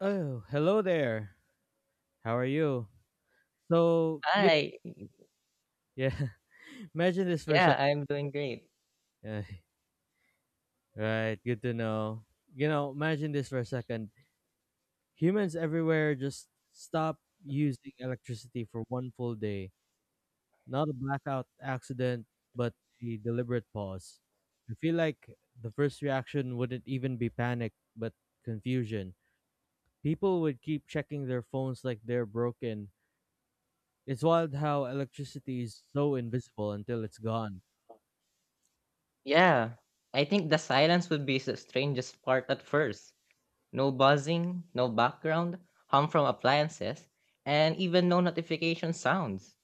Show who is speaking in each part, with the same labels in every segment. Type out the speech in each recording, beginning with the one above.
Speaker 1: Oh, hello there. How are you? So, you,
Speaker 2: Hi.
Speaker 1: yeah, imagine this for a
Speaker 2: Yeah,
Speaker 1: second.
Speaker 2: I'm doing great.
Speaker 1: Right, good to know. You know, imagine this for a second. Humans everywhere just stop using electricity for one full day. Not a blackout accident, but a deliberate pause. I feel like the first reaction wouldn't even be panic, but confusion. People would keep checking their phones like they're broken. It's wild how electricity is so invisible until it's gone.
Speaker 2: Yeah, I think the silence would be the strangest part at first. No buzzing, no background, hum from appliances, and even no notification sounds.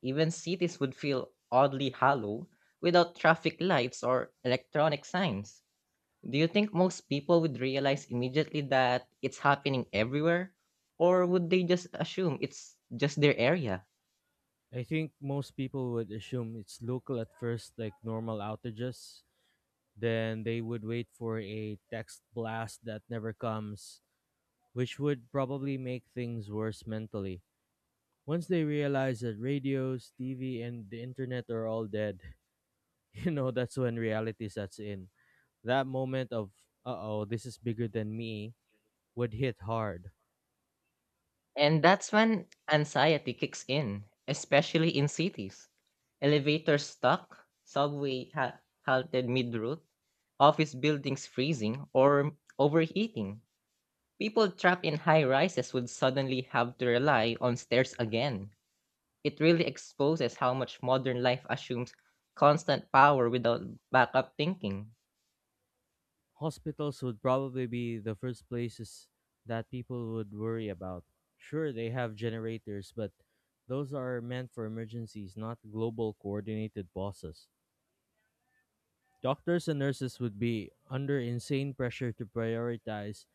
Speaker 2: Even cities would feel oddly hollow without traffic lights or electronic signs. Do you think most people would realize immediately that it's happening everywhere? Or would they just assume it's just their area?
Speaker 1: I think most people would assume it's local at first, like normal outages. Then they would wait for a text blast that never comes, which would probably make things worse mentally. Once they realize that radios, TV, and the internet are all dead, you know, that's when reality sets in. That moment of, uh oh, this is bigger than me, would hit hard.
Speaker 2: And that's when anxiety kicks in, especially in cities. Elevators stuck, halted mid route, office buildings freezing or overheating. People trapped in high rises would suddenly have to rely on stairs again. It really exposes how much modern life assumes constant power without backup thinking.
Speaker 1: Hospitals would probably be the first places that people would worry about. Sure, they have generators, but those are meant for emergencies, not global coordinated bosses. Doctors and nurses would be under insane pressure to prioritize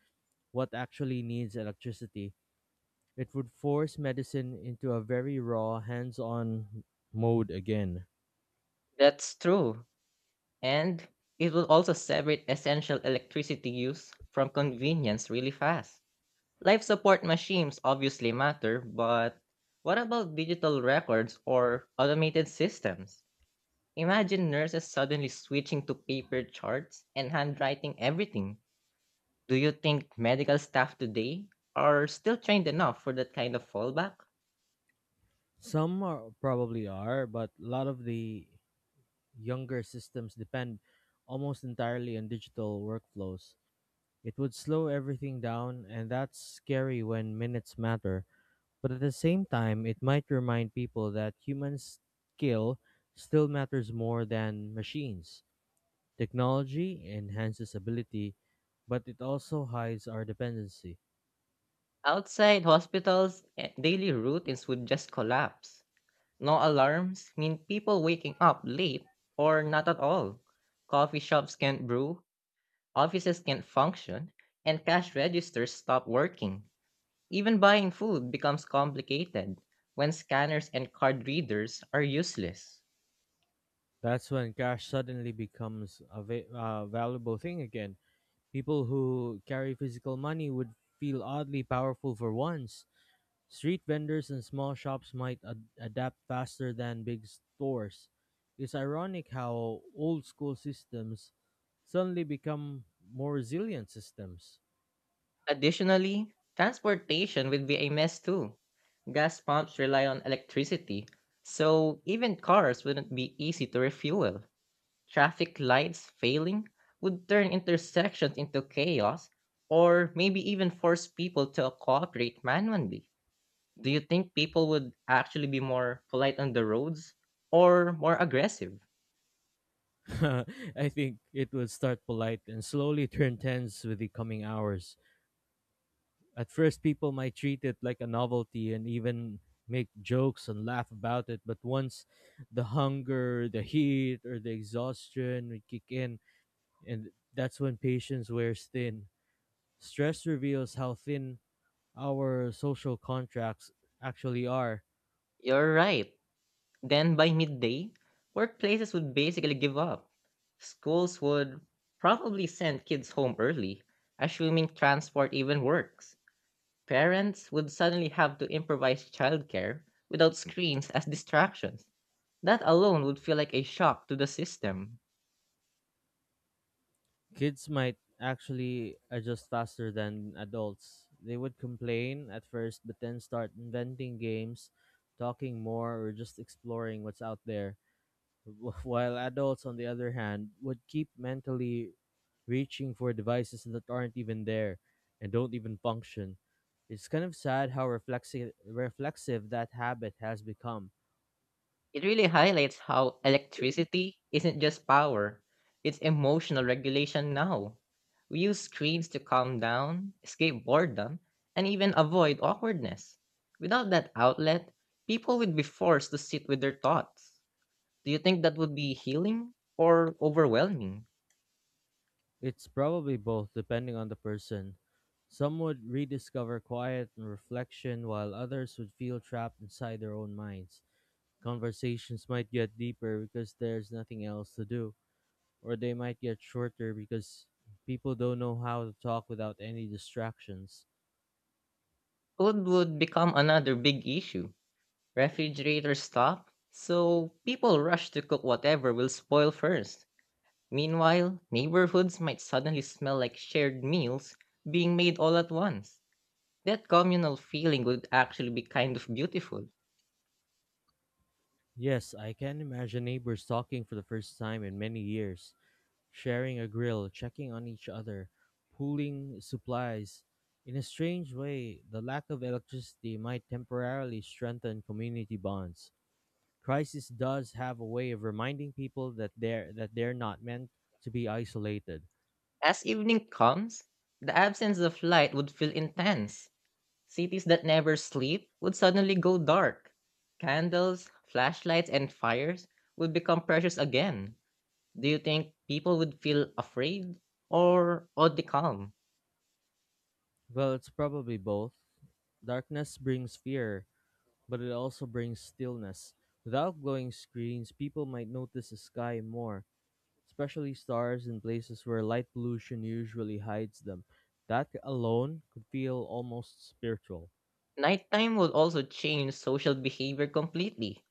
Speaker 1: what actually needs electricity. It would force medicine into a very raw, hands on mode again.
Speaker 2: That's true. And it will also separate essential electricity use from convenience really fast. Life support machines obviously matter, but what about digital records or automated systems? Imagine nurses suddenly switching to paper charts and handwriting everything. Do you think medical staff today are still trained enough for that kind of fallback?
Speaker 1: Some are, probably are, but a lot of the younger systems depend almost entirely on digital workflows. It would slow everything down, and that's scary when minutes matter. But at the same time, it might remind people that human skill still matters more than machines. Technology enhances ability, but it also hides our dependency.
Speaker 2: Outside hospitals, daily routines would just collapse. No alarms mean people waking up late or not at all. Coffee shops can't brew. Offices can't function, and cash registers stop working. Even buying food becomes complicated when scanners and card readers are useless.
Speaker 1: That's when cash suddenly becomes a valuable thing again. People who carry physical money would feel oddly powerful for once. Street vendors and small shops might adapt faster than big stores. It's ironic how old school systems suddenly become more resilient systems.
Speaker 2: Additionally, transportation will be a mess too. Gas pumps rely on electricity, so even cars wouldn't be easy to refuel. Traffic lights failing would turn intersections into chaos or maybe even force people to cooperate manually. Do you think people would actually be more polite on the roads or more aggressive?
Speaker 1: I think it will start polite and slowly turn tense with the coming hours. At first, people might treat it like a novelty and even make jokes and laugh about it, but once the hunger, the heat, or the exhaustion would kick in, and that's when patience wears thin. Stress reveals how thin our social contracts actually are.
Speaker 2: You're right. Then by midday, workplaces would basically give up. Schools would probably send kids home early, assuming transport even works. Parents would suddenly have to improvise childcare without screens as distractions. That alone would feel like a shock to the system.
Speaker 1: Kids might actually adjust faster than adults. They would complain at first, but then start inventing games, talking more, or just exploring what's out there. While adults, on the other hand, would keep mentally reaching for devices that aren't even there and don't even function. It's kind of sad how reflexive that habit has become.
Speaker 2: It really highlights how electricity isn't just power, it's emotional regulation now. We use screens to calm down, escape boredom, and even avoid awkwardness. Without that outlet, people would be forced to sit with their thoughts. Do you think that would be healing or overwhelming?
Speaker 1: It's probably both, depending on the person. Some would rediscover quiet and reflection, while others would feel trapped inside their own minds. Conversations might get deeper because there's nothing else to do, or they might get shorter because people don't know how to talk without any distractions.
Speaker 2: Food would become another big issue. Refrigerators stop, so people rush to cook whatever will spoil first. Meanwhile, neighborhoods might suddenly smell like shared meals being made all at once. That communal feeling would actually be kind of beautiful.
Speaker 1: Yes, I can imagine neighbors talking for the first time in many years, sharing a grill, checking on each other, pooling supplies. In a strange way, the lack of electricity might temporarily strengthen community bonds. Crisis does have a way of reminding people that they're not meant to be isolated.
Speaker 2: As evening comes, the absence of light would feel intense. Cities that never sleep would suddenly go dark. Candles, flashlights, and fires would become precious again. Do you think people would feel afraid or oddly calm?
Speaker 1: Well, it's probably both. Darkness brings fear, but it also brings stillness. Without glowing screens, people might notice the sky more, especially stars in places where light pollution usually hides them. That alone could feel almost spiritual.
Speaker 2: Nighttime would also change social behavior completely.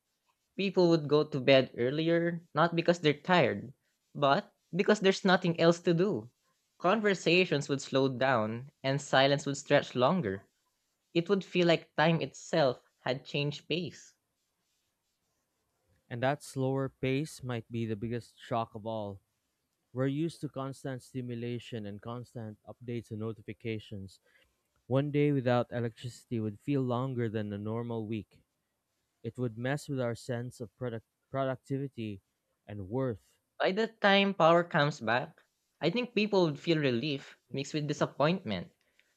Speaker 2: People would go to bed earlier, not because they're tired, but because there's nothing else to do. Conversations would slow down and silence would stretch longer. It would feel like time itself had changed pace.
Speaker 1: And that slower pace might be the biggest shock of all. We're used to constant stimulation and constant updates and notifications. One day without electricity would feel longer than a normal week. It would mess with our sense of productivity and worth.
Speaker 2: By the time power comes back, I think people would feel relief mixed with disappointment.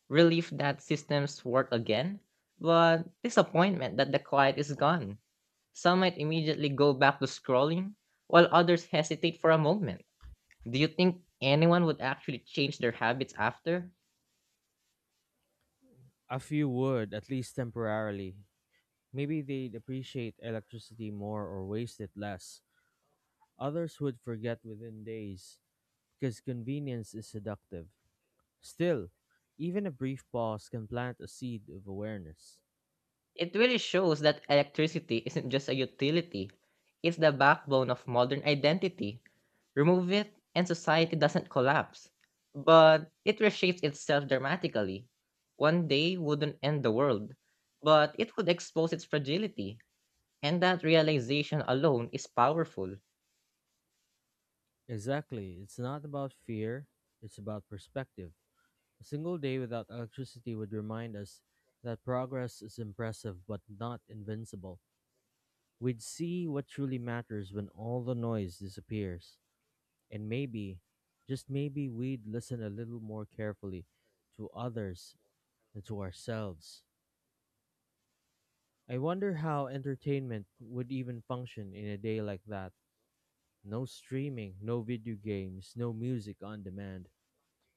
Speaker 2: Relief that systems work again, but disappointment that the quiet is gone. Some might immediately go back to scrolling, while others hesitate for a moment. Do you think anyone would actually change their habits after?
Speaker 1: A few would, at least temporarily. Maybe they'd appreciate electricity more or waste it less. Others would forget within days because convenience is seductive. Still, even a brief pause can plant a seed of awareness.
Speaker 2: It really shows that electricity isn't just a utility, it's the backbone of modern identity. Remove it, and society doesn't collapse. But it reshapes itself dramatically. One day wouldn't end the world, but it would expose its fragility, and that realization alone is powerful.
Speaker 1: Exactly, it's not about fear, it's about perspective. A single day without electricity would remind us that progress is impressive but not invincible. We'd see what truly matters when all the noise disappears. And maybe, just maybe, we'd listen a little more carefully to others and to ourselves. I wonder how entertainment would even function in a day like that. No streaming, no video games, no music on demand.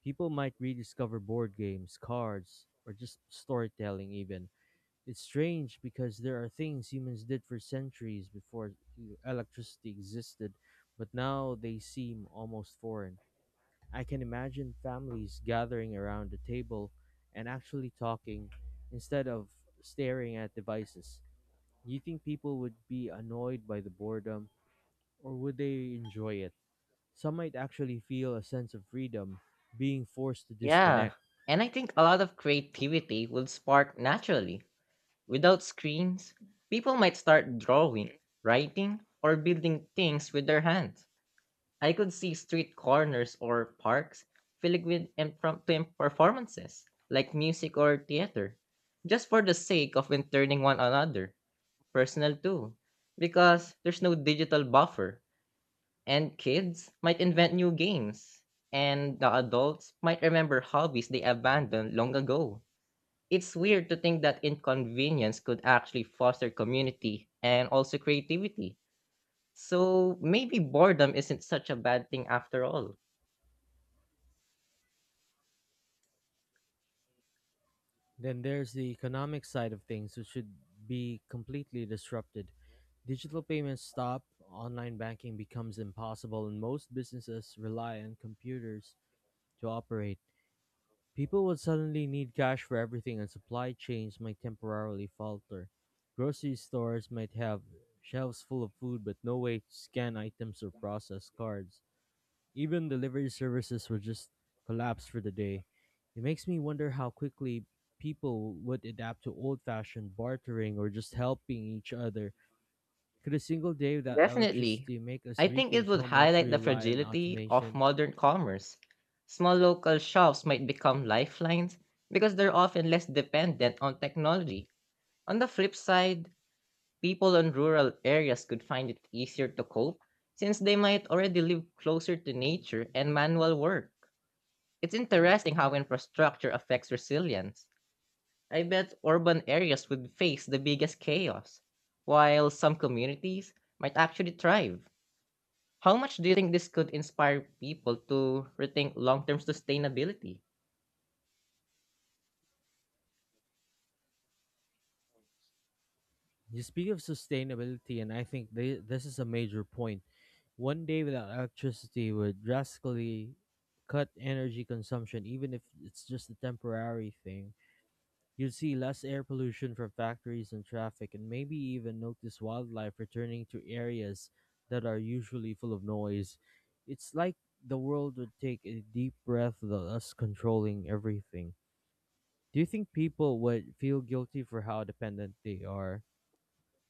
Speaker 1: People might rediscover board games, cards, or just storytelling, even. It's strange because there are things humans did for centuries before electricity existed, but now they seem almost foreign. I can imagine families gathering around a table and actually talking instead of staring at devices. Do you think people would be annoyed by the boredom, or would they enjoy it? Some might actually feel a sense of freedom being forced to
Speaker 2: Yeah,
Speaker 1: disconnect.
Speaker 2: and I think a lot of creativity will spark naturally. Without screens, people might start drawing, writing, or building things with their hands. I could see street corners or parks filled with impromptu performances, like music or theater, just for the sake of entertaining one another, personal too, because there's no digital buffer, and kids might invent new games, and the adults might remember hobbies they abandoned long ago. It's weird to think that inconvenience could actually foster community and also creativity. So maybe boredom isn't such a bad thing after all.
Speaker 1: Then there's the economic side of things, which should be completely disrupted. Digital payments stop, online banking becomes impossible, and most businesses rely on computers to operate. People would suddenly need cash for everything, and supply chains might temporarily falter. Grocery stores might have shelves full of food, but no way to scan items or process cards. Even delivery services would just collapse for the day. It makes me wonder how quickly people would adapt to old fashioned bartering or just helping each other. Could a single day without
Speaker 2: Definitely.
Speaker 1: electricity make us
Speaker 2: I think it
Speaker 1: rethink
Speaker 2: would
Speaker 1: how much
Speaker 2: highlight
Speaker 1: we
Speaker 2: the
Speaker 1: rely on
Speaker 2: fragility of
Speaker 1: automation?
Speaker 2: modern commerce. Small local shops might become lifelines because they're often less dependent on technology. On the flip side, people in rural areas could find it easier to cope since they might already live closer to nature and manual work. It's interesting how infrastructure affects resilience. I bet urban areas would face the biggest chaos, while some communities might actually thrive. How much do you think this could inspire people to rethink long term sustainability?
Speaker 1: You speak of sustainability, and I think this is a major point. One day without electricity would drastically cut energy consumption, even if it's just a temporary thing. You'd see less air pollution from factories and traffic, and maybe even notice wildlife returning to areas that are usually full of noise. It's like the world would take a deep breath without us controlling everything. Do you think people would feel guilty for how dependent they are,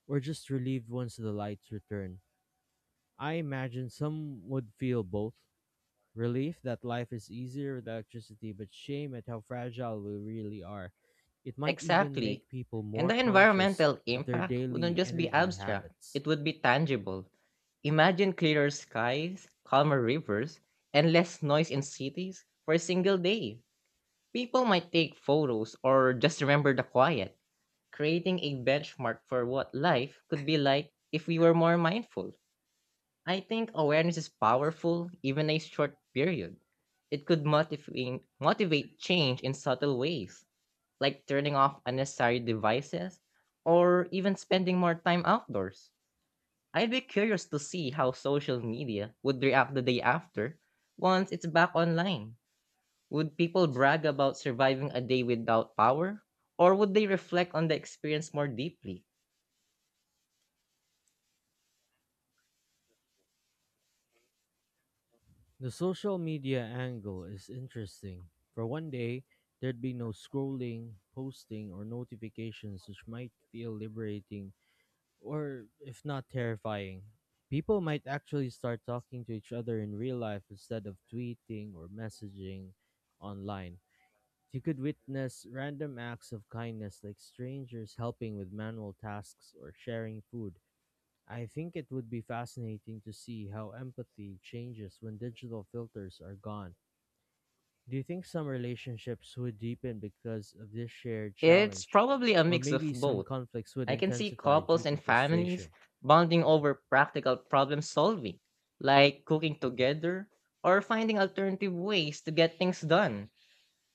Speaker 1: or just relieved once the lights return? I imagine some would feel both: relief that life is easier with electricity, but shame at how fragile we really are. It might even
Speaker 2: Exactly.
Speaker 1: make people
Speaker 2: And
Speaker 1: more
Speaker 2: the
Speaker 1: conscious
Speaker 2: environmental
Speaker 1: of their
Speaker 2: impact wouldn't
Speaker 1: daily
Speaker 2: just be
Speaker 1: energy
Speaker 2: abstract,
Speaker 1: habits.
Speaker 2: it would be tangible. Imagine clearer skies, calmer rivers, and less noise in cities for a single day. People might take photos or just remember the quiet, creating a benchmark for what life could be like if we were more mindful. I think awareness is powerful, even a short period. It could motivate change in subtle ways, like turning off unnecessary devices or even spending more time outdoors. I'd be curious to see how social media would react the day after once it's back online. Would people brag about surviving a day without power, or would they reflect on the experience more deeply?
Speaker 1: The social media angle is interesting. For one day, there'd be no scrolling, posting, or notifications, which might feel liberating or if not terrifying. People might actually start talking to each other in real life instead of tweeting or messaging online. You could witness random acts of kindness like strangers helping with manual tasks or sharing food. I think it would be fascinating to see how empathy changes when digital filters are gone. Do you think some relationships would deepen because of this shared
Speaker 2: It's
Speaker 1: challenge?
Speaker 2: probably a
Speaker 1: Or
Speaker 2: mix of
Speaker 1: maybe some
Speaker 2: both.
Speaker 1: conflicts would
Speaker 2: I can see
Speaker 1: intensify due
Speaker 2: couples and
Speaker 1: to
Speaker 2: families
Speaker 1: frustration?
Speaker 2: bonding over practical problem solving, like cooking together or finding alternative ways to get things done.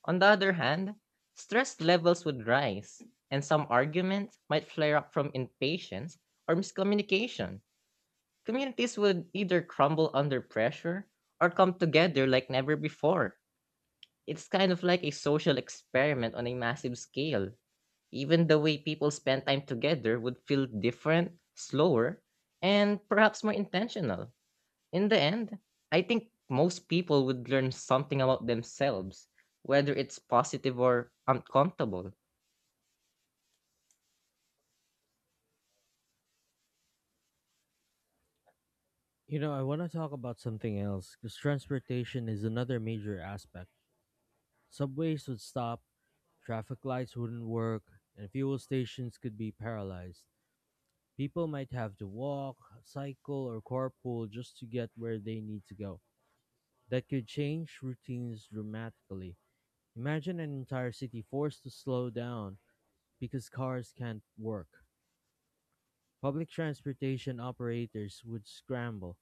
Speaker 2: On the other hand, stress levels would rise, and some arguments might flare up from impatience or miscommunication. Communities would either crumble under pressure or come together like never before. It's kind of like a social experiment on a massive scale. Even the way people spend time together would feel different, slower, and perhaps more intentional. In the end, I think most people would learn something about themselves, whether it's positive or uncomfortable.
Speaker 1: I want to talk about something else because transportation is another major aspect. Subways would stop, traffic lights wouldn't work, and fuel stations could be paralyzed. People might have to walk, cycle, or carpool just to get where they need to go. That could change routines dramatically. Imagine an entire city forced to slow down because cars can't work. Public transportation operators would scramble,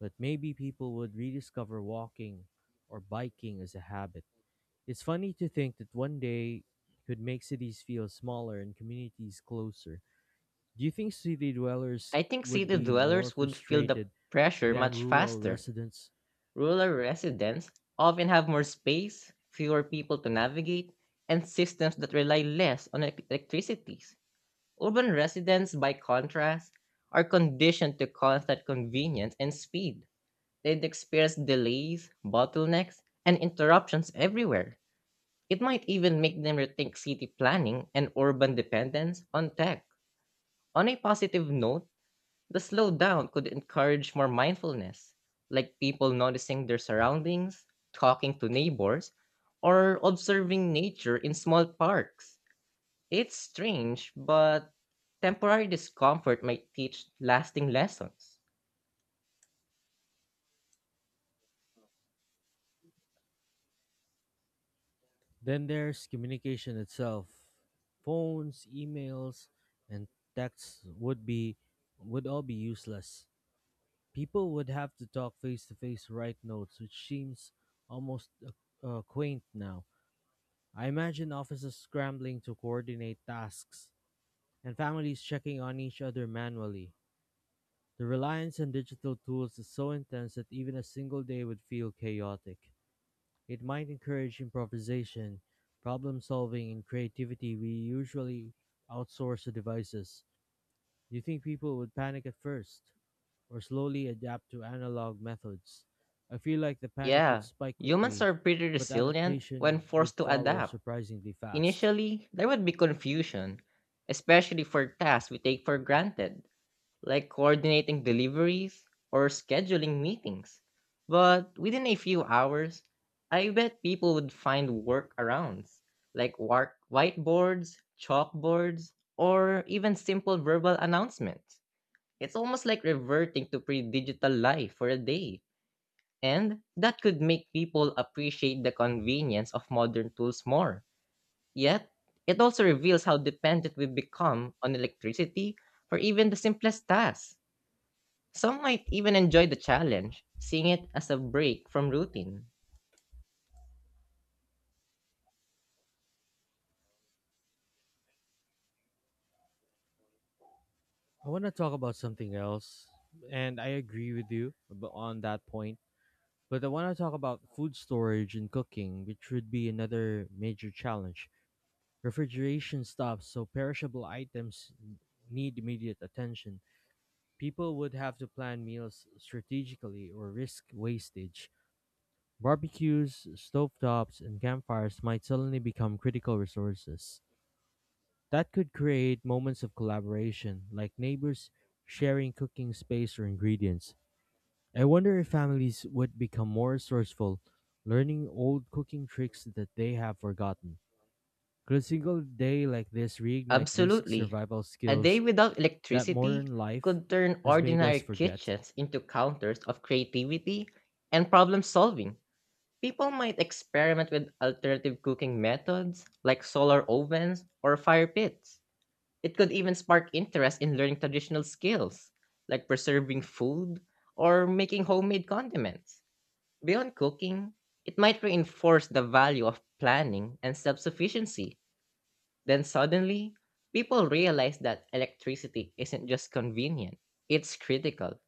Speaker 1: but maybe people would rediscover walking or biking as a habit. It's funny to think that one day could make cities feel smaller and communities closer. Do you think city dwellers
Speaker 2: I think
Speaker 1: would
Speaker 2: city
Speaker 1: be more
Speaker 2: dwellers would feel the
Speaker 1: frustrated
Speaker 2: pressure
Speaker 1: than
Speaker 2: much
Speaker 1: rural
Speaker 2: faster.
Speaker 1: residents?
Speaker 2: Rural residents often have more space, fewer people to navigate, and systems that rely less on electricity. Urban residents, by contrast, are conditioned to constant convenience and speed. They experience delays, bottlenecks, and interruptions everywhere. It might even make them rethink city planning and urban dependence on tech. On a positive note, the slowdown could encourage more mindfulness, like people noticing their surroundings, talking to neighbors, or observing nature in small parks. It's strange, but temporary discomfort might teach lasting lessons.
Speaker 1: Then there's communication itself. Phones, emails, and texts would be would all be useless. People would have to talk face to face, write notes, which seems almost quaint now. I imagine offices scrambling to coordinate tasks and families checking on each other manually. The reliance on digital tools is so intense that even a single day would feel chaotic. It might encourage improvisation, problem solving, and creativity we usually outsource to devices. Do you think people would panic at first or slowly adapt to analog methods? I feel like the panic would
Speaker 2: Yeah,
Speaker 1: spike
Speaker 2: humans
Speaker 1: quickly,
Speaker 2: are pretty
Speaker 1: but
Speaker 2: resilient when
Speaker 1: adaptation would
Speaker 2: forced to
Speaker 1: follow
Speaker 2: adapt.
Speaker 1: surprisingly fast.
Speaker 2: Initially, there would be confusion, especially for tasks we take for granted, like coordinating deliveries or scheduling meetings. But within a few hours, I bet people would find workarounds, like whiteboards, chalkboards, or even simple verbal announcements. It's almost like reverting to pre digital life for a day. And that could make people appreciate the convenience of modern tools more. Yet, it also reveals how dependent we've become on electricity for even the simplest tasks. Some might even enjoy the challenge, seeing it as a break from routine.
Speaker 1: I want to talk about something else, and I agree with you on that point. But I want to talk about food storage and cooking, which would be another major challenge. Refrigeration stops, so perishable items need immediate attention. People would have to plan meals strategically or risk wastage. Barbecues, stovetops, and campfires might suddenly become critical resources. That could create moments of collaboration, like neighbors sharing cooking space or ingredients. I wonder if families would become more resourceful, learning old cooking tricks that they have forgotten. Could a single day like this reignite basic
Speaker 2: Absolutely.
Speaker 1: survival
Speaker 2: A day
Speaker 1: skills
Speaker 2: without
Speaker 1: that
Speaker 2: electricity
Speaker 1: modern life
Speaker 2: could turn
Speaker 1: has made us
Speaker 2: ordinary
Speaker 1: forget?
Speaker 2: kitchens into counters of creativity and problem solving. People might experiment with alternative cooking methods like solar ovens or fire pits. It could even spark interest in learning traditional skills like preserving food or making homemade condiments. Beyond cooking, it might reinforce the value of planning and self sufficiency. Then suddenly, people realize that electricity isn't just convenient, it's critical.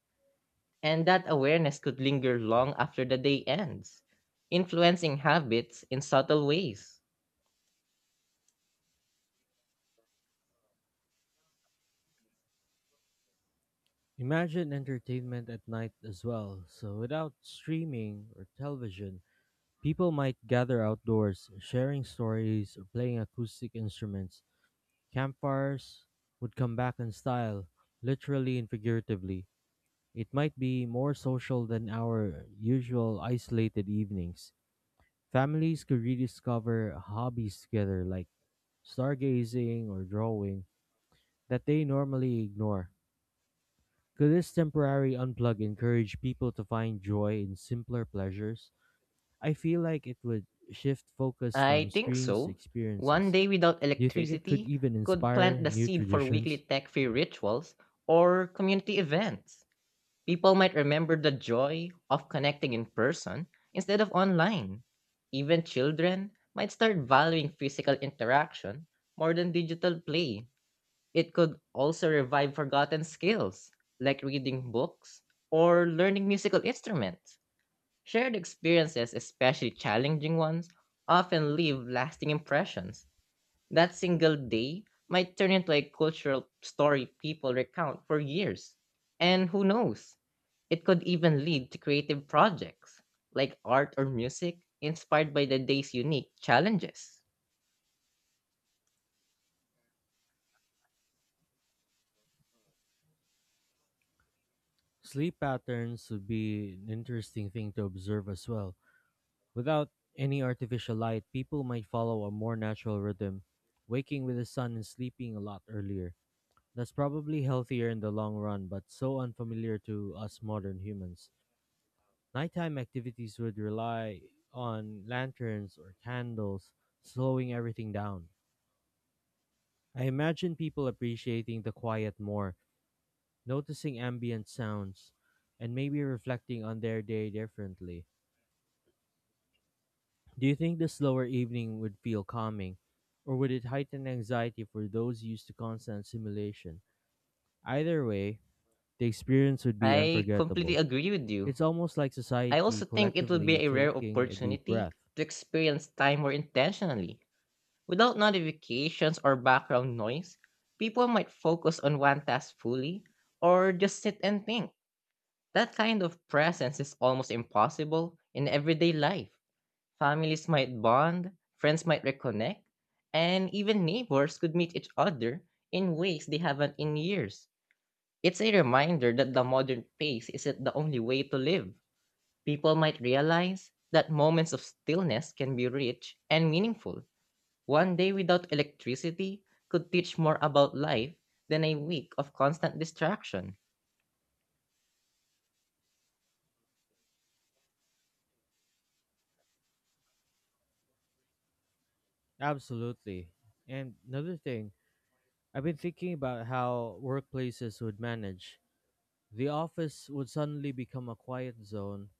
Speaker 2: And that awareness could linger long after the day ends, influencing habits in subtle ways.
Speaker 1: Imagine entertainment at night as well. So, without streaming or television, people might gather outdoors, sharing stories or playing acoustic instruments. Campfires would come back in style, literally and figuratively. It might be more social than our usual isolated evenings. Families could rediscover hobbies together like stargazing or drawing that they normally ignore. Could this temporary unplug encourage people to find joy in simpler pleasures? I feel like it would shift focus from
Speaker 2: I think
Speaker 1: screens to
Speaker 2: so. One
Speaker 1: experiences.
Speaker 2: day without
Speaker 1: Do you think it could
Speaker 2: electricity
Speaker 1: even
Speaker 2: could plant
Speaker 1: inspire
Speaker 2: the
Speaker 1: new
Speaker 2: seed for weekly
Speaker 1: traditions?
Speaker 2: tech free rituals or community events. People might remember the joy of connecting in person instead of online. Even children might start valuing physical interaction more than digital play. It could also revive forgotten skills like reading books or learning musical instruments. Shared experiences, especially challenging ones, often leave lasting impressions. That single day might turn into a cultural story people recount for years. And who knows? It could even lead to creative projects like art or music inspired by the day's unique challenges.
Speaker 1: Sleep patterns would be an interesting thing to observe as well. Without any artificial light, people might follow a more natural rhythm, waking with the sun and sleeping a lot earlier. That's probably healthier in the long run, but so unfamiliar to us modern humans. Nighttime activities would rely on lanterns or candles, slowing everything down. I imagine people appreciating the quiet more, noticing ambient sounds, and maybe reflecting on their day differently. Do you think the slower evening would feel calming, or would it heighten anxiety for those used to constant stimulation? Either way, the experience would be
Speaker 2: I completely
Speaker 1: unforgettable.
Speaker 2: agree with you.
Speaker 1: It's almost like
Speaker 2: I
Speaker 1: society
Speaker 2: also think it would be
Speaker 1: collectively
Speaker 2: a rare
Speaker 1: taking a deep
Speaker 2: opportunity
Speaker 1: breath.
Speaker 2: to experience time more intentionally. Without notifications or background noise, people might focus on one task fully or just sit and think. That kind of presence is almost impossible in everyday life. Families might bond, friends might reconnect, and even neighbors could meet each other in ways they haven't in years. It's a reminder that the modern pace isn't the only way to live. People might realize that moments of stillness can be rich and meaningful. One day without electricity could teach more about life than a week of constant distraction.
Speaker 1: Absolutely. And another thing, I've been thinking about how workplaces would manage. The office would suddenly become a quiet zone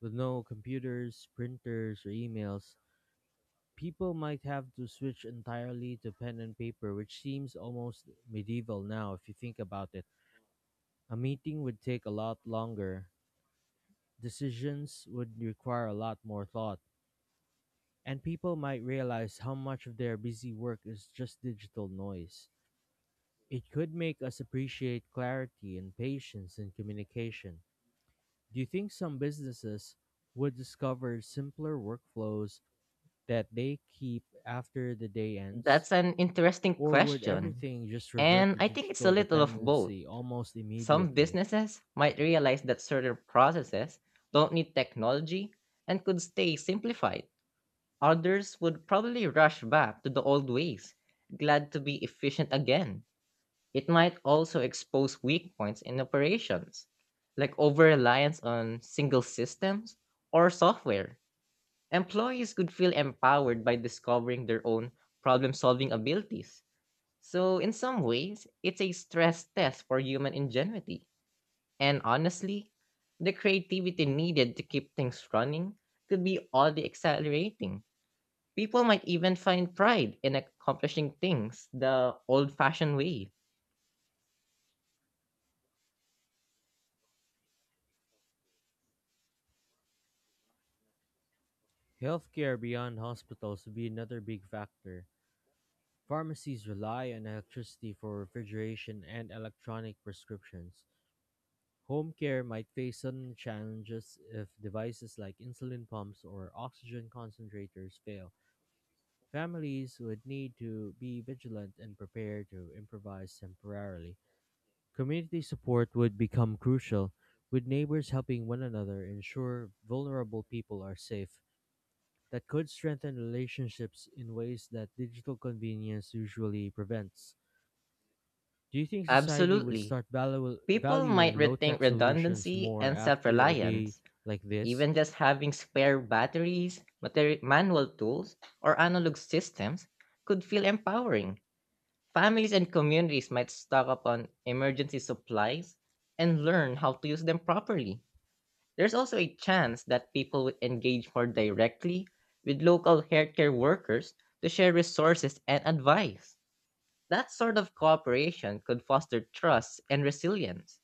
Speaker 1: with no computers, printers, or emails. People might have to switch entirely to pen and paper, which seems almost medieval now if you think about it. A meeting would take a lot longer, decisions would require a lot more thought, and people might realize how much of their busy work is just digital noise. It could make us appreciate clarity and patience in communication. Do you think some businesses would discover simpler workflows that they keep after the day ends?
Speaker 2: That's an interesting
Speaker 1: Or would
Speaker 2: question.
Speaker 1: everything just revert
Speaker 2: And
Speaker 1: to
Speaker 2: I think it's a
Speaker 1: digital
Speaker 2: little of both.
Speaker 1: dependency almost
Speaker 2: Some
Speaker 1: immediately?
Speaker 2: businesses might realize that certain processes don't need technology and could stay simplified. Others would probably rush back to the old ways, glad to be efficient again. It might also expose weak points in operations, like over reliance on single systems or software. Employees could feel empowered by discovering their own problem solving abilities. So, in some ways, it's a stress test for human ingenuity. And honestly, the creativity needed to keep things running could be all the exhilarating. People might even find pride in accomplishing things the old fashioned way.
Speaker 1: Healthcare beyond hospitals would be another big factor. Pharmacies rely on electricity for refrigeration and electronic prescriptions. Home care might face sudden challenges if devices like insulin pumps or oxygen concentrators fail. Families would need to be vigilant and prepared to improvise temporarily. Community support would become crucial, with neighbors helping one another ensure vulnerable people are safe. That could strengthen relationships in ways that digital convenience usually prevents. Do you think society would
Speaker 2: Absolutely.
Speaker 1: start
Speaker 2: People might
Speaker 1: valuing low
Speaker 2: rethink
Speaker 1: tech solutions
Speaker 2: redundancy
Speaker 1: more
Speaker 2: and self
Speaker 1: after a day
Speaker 2: reliance.
Speaker 1: like this?
Speaker 2: Even just having spare batteries, manual tools, or analog systems could feel empowering. Families and communities might stock up on emergency supplies and learn how to use them properly. There's also a chance that people would engage more directly with local healthcare workers to share resources and advice. That sort of cooperation could foster trust and resilience.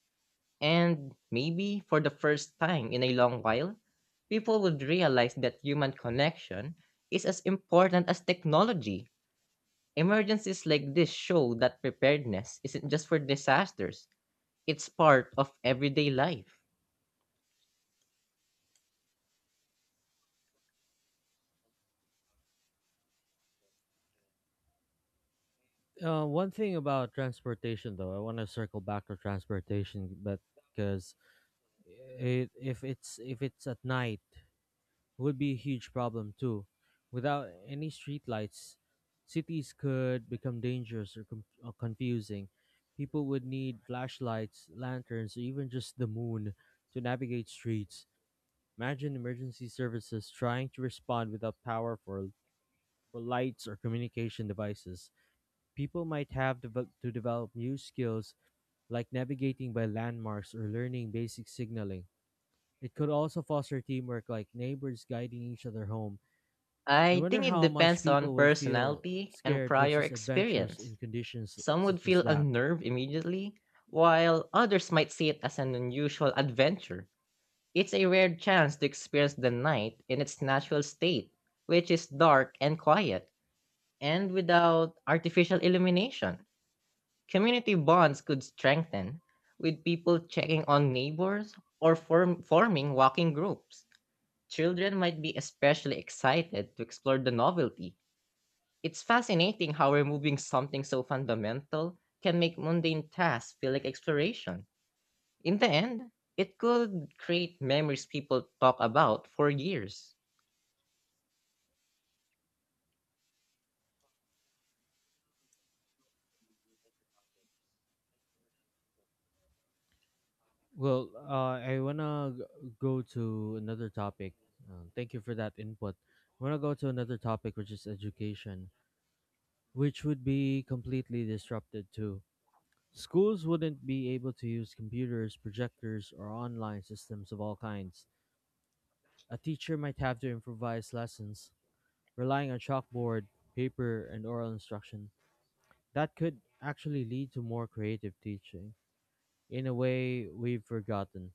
Speaker 2: And maybe for the first time in a long while, people would realize that human connection is as important as technology. Emergencies like this show that preparedness isn't just for disasters, it's part of everyday life.
Speaker 1: One thing about transportation, though, I want to circle back to transportation, but because it if it's at night would be a huge problem too. Without any streetlights, cities could become dangerous or, confusing. People would need flashlights, lanterns, or even just the moon to navigate streets. Imagine emergency services trying to respond without power for, lights or communication devices. People might have to develop new skills like navigating by landmarks or learning basic signaling. It could also foster teamwork like neighbors guiding each other home. I
Speaker 2: I
Speaker 1: wonder
Speaker 2: think it
Speaker 1: how much
Speaker 2: depends on
Speaker 1: people would feel
Speaker 2: personality and
Speaker 1: scared
Speaker 2: prior
Speaker 1: versus adventurous
Speaker 2: experience.
Speaker 1: in conditions
Speaker 2: Some would
Speaker 1: such as
Speaker 2: feel
Speaker 1: that.
Speaker 2: unnerved immediately, while others might see it as an unusual adventure. It's a rare chance to experience the night in its natural state, which is dark and quiet, and without artificial illumination. Community bonds could strengthen, with people checking on neighbors or forming walking groups. Children might be especially excited to explore the novelty. It's fascinating how removing something so fundamental can make mundane tasks feel like exploration. In the end, it could create memories people talk about for years.
Speaker 1: Well, I wanna go to another topic. Thank you for that input. I wanna go to another topic, which is education, which would be completely disrupted too. Schools wouldn't be able to use computers, projectors, or online systems of all kinds. A teacher might have to improvise lessons, relying on chalkboard, paper, and oral instruction. That could actually lead to more creative teaching, in a way, we've forgotten.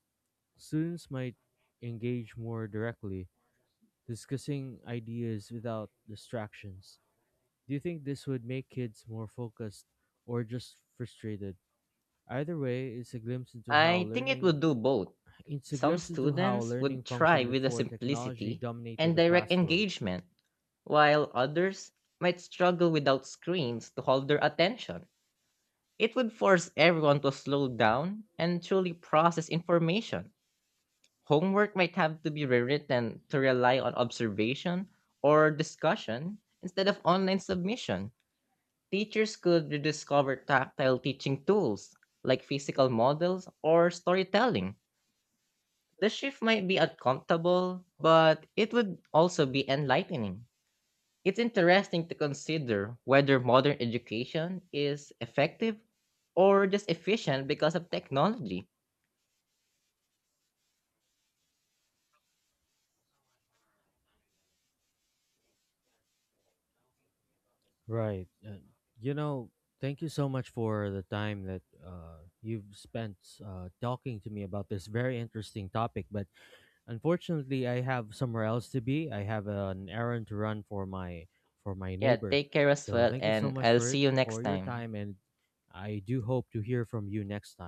Speaker 1: Students might engage more directly, discussing ideas without distractions. Do you think this would make kids more focused or just frustrated? Either way,
Speaker 2: I think it would do both.
Speaker 1: it's a
Speaker 2: Some
Speaker 1: glimpse into how
Speaker 2: students
Speaker 1: learning
Speaker 2: would
Speaker 1: functioned
Speaker 2: try with the
Speaker 1: before technology
Speaker 2: simplicity
Speaker 1: dominated
Speaker 2: and
Speaker 1: the
Speaker 2: direct
Speaker 1: classroom.
Speaker 2: engagement, while others might struggle without screens to hold their attention. It would force everyone to slow down and truly process information. Homework might have to be rewritten to rely on observation or discussion instead of online submission. Teachers could rediscover tactile teaching tools like physical models or storytelling. The shift might be uncomfortable, but it would also be enlightening. It's interesting to consider whether modern education is effective or just efficient because of technology.
Speaker 1: Right. You know, Thank you so much for the time that you've spent talking to me about this very interesting topic. But unfortunately, I have somewhere else to be. I have an errand to run for my
Speaker 2: Yeah,
Speaker 1: neighbor.
Speaker 2: take care as
Speaker 1: So
Speaker 2: well,
Speaker 1: thank you so
Speaker 2: and
Speaker 1: much
Speaker 2: I'll
Speaker 1: for
Speaker 2: see
Speaker 1: it
Speaker 2: you next
Speaker 1: for your
Speaker 2: time.
Speaker 1: time, and I do hope to hear from you next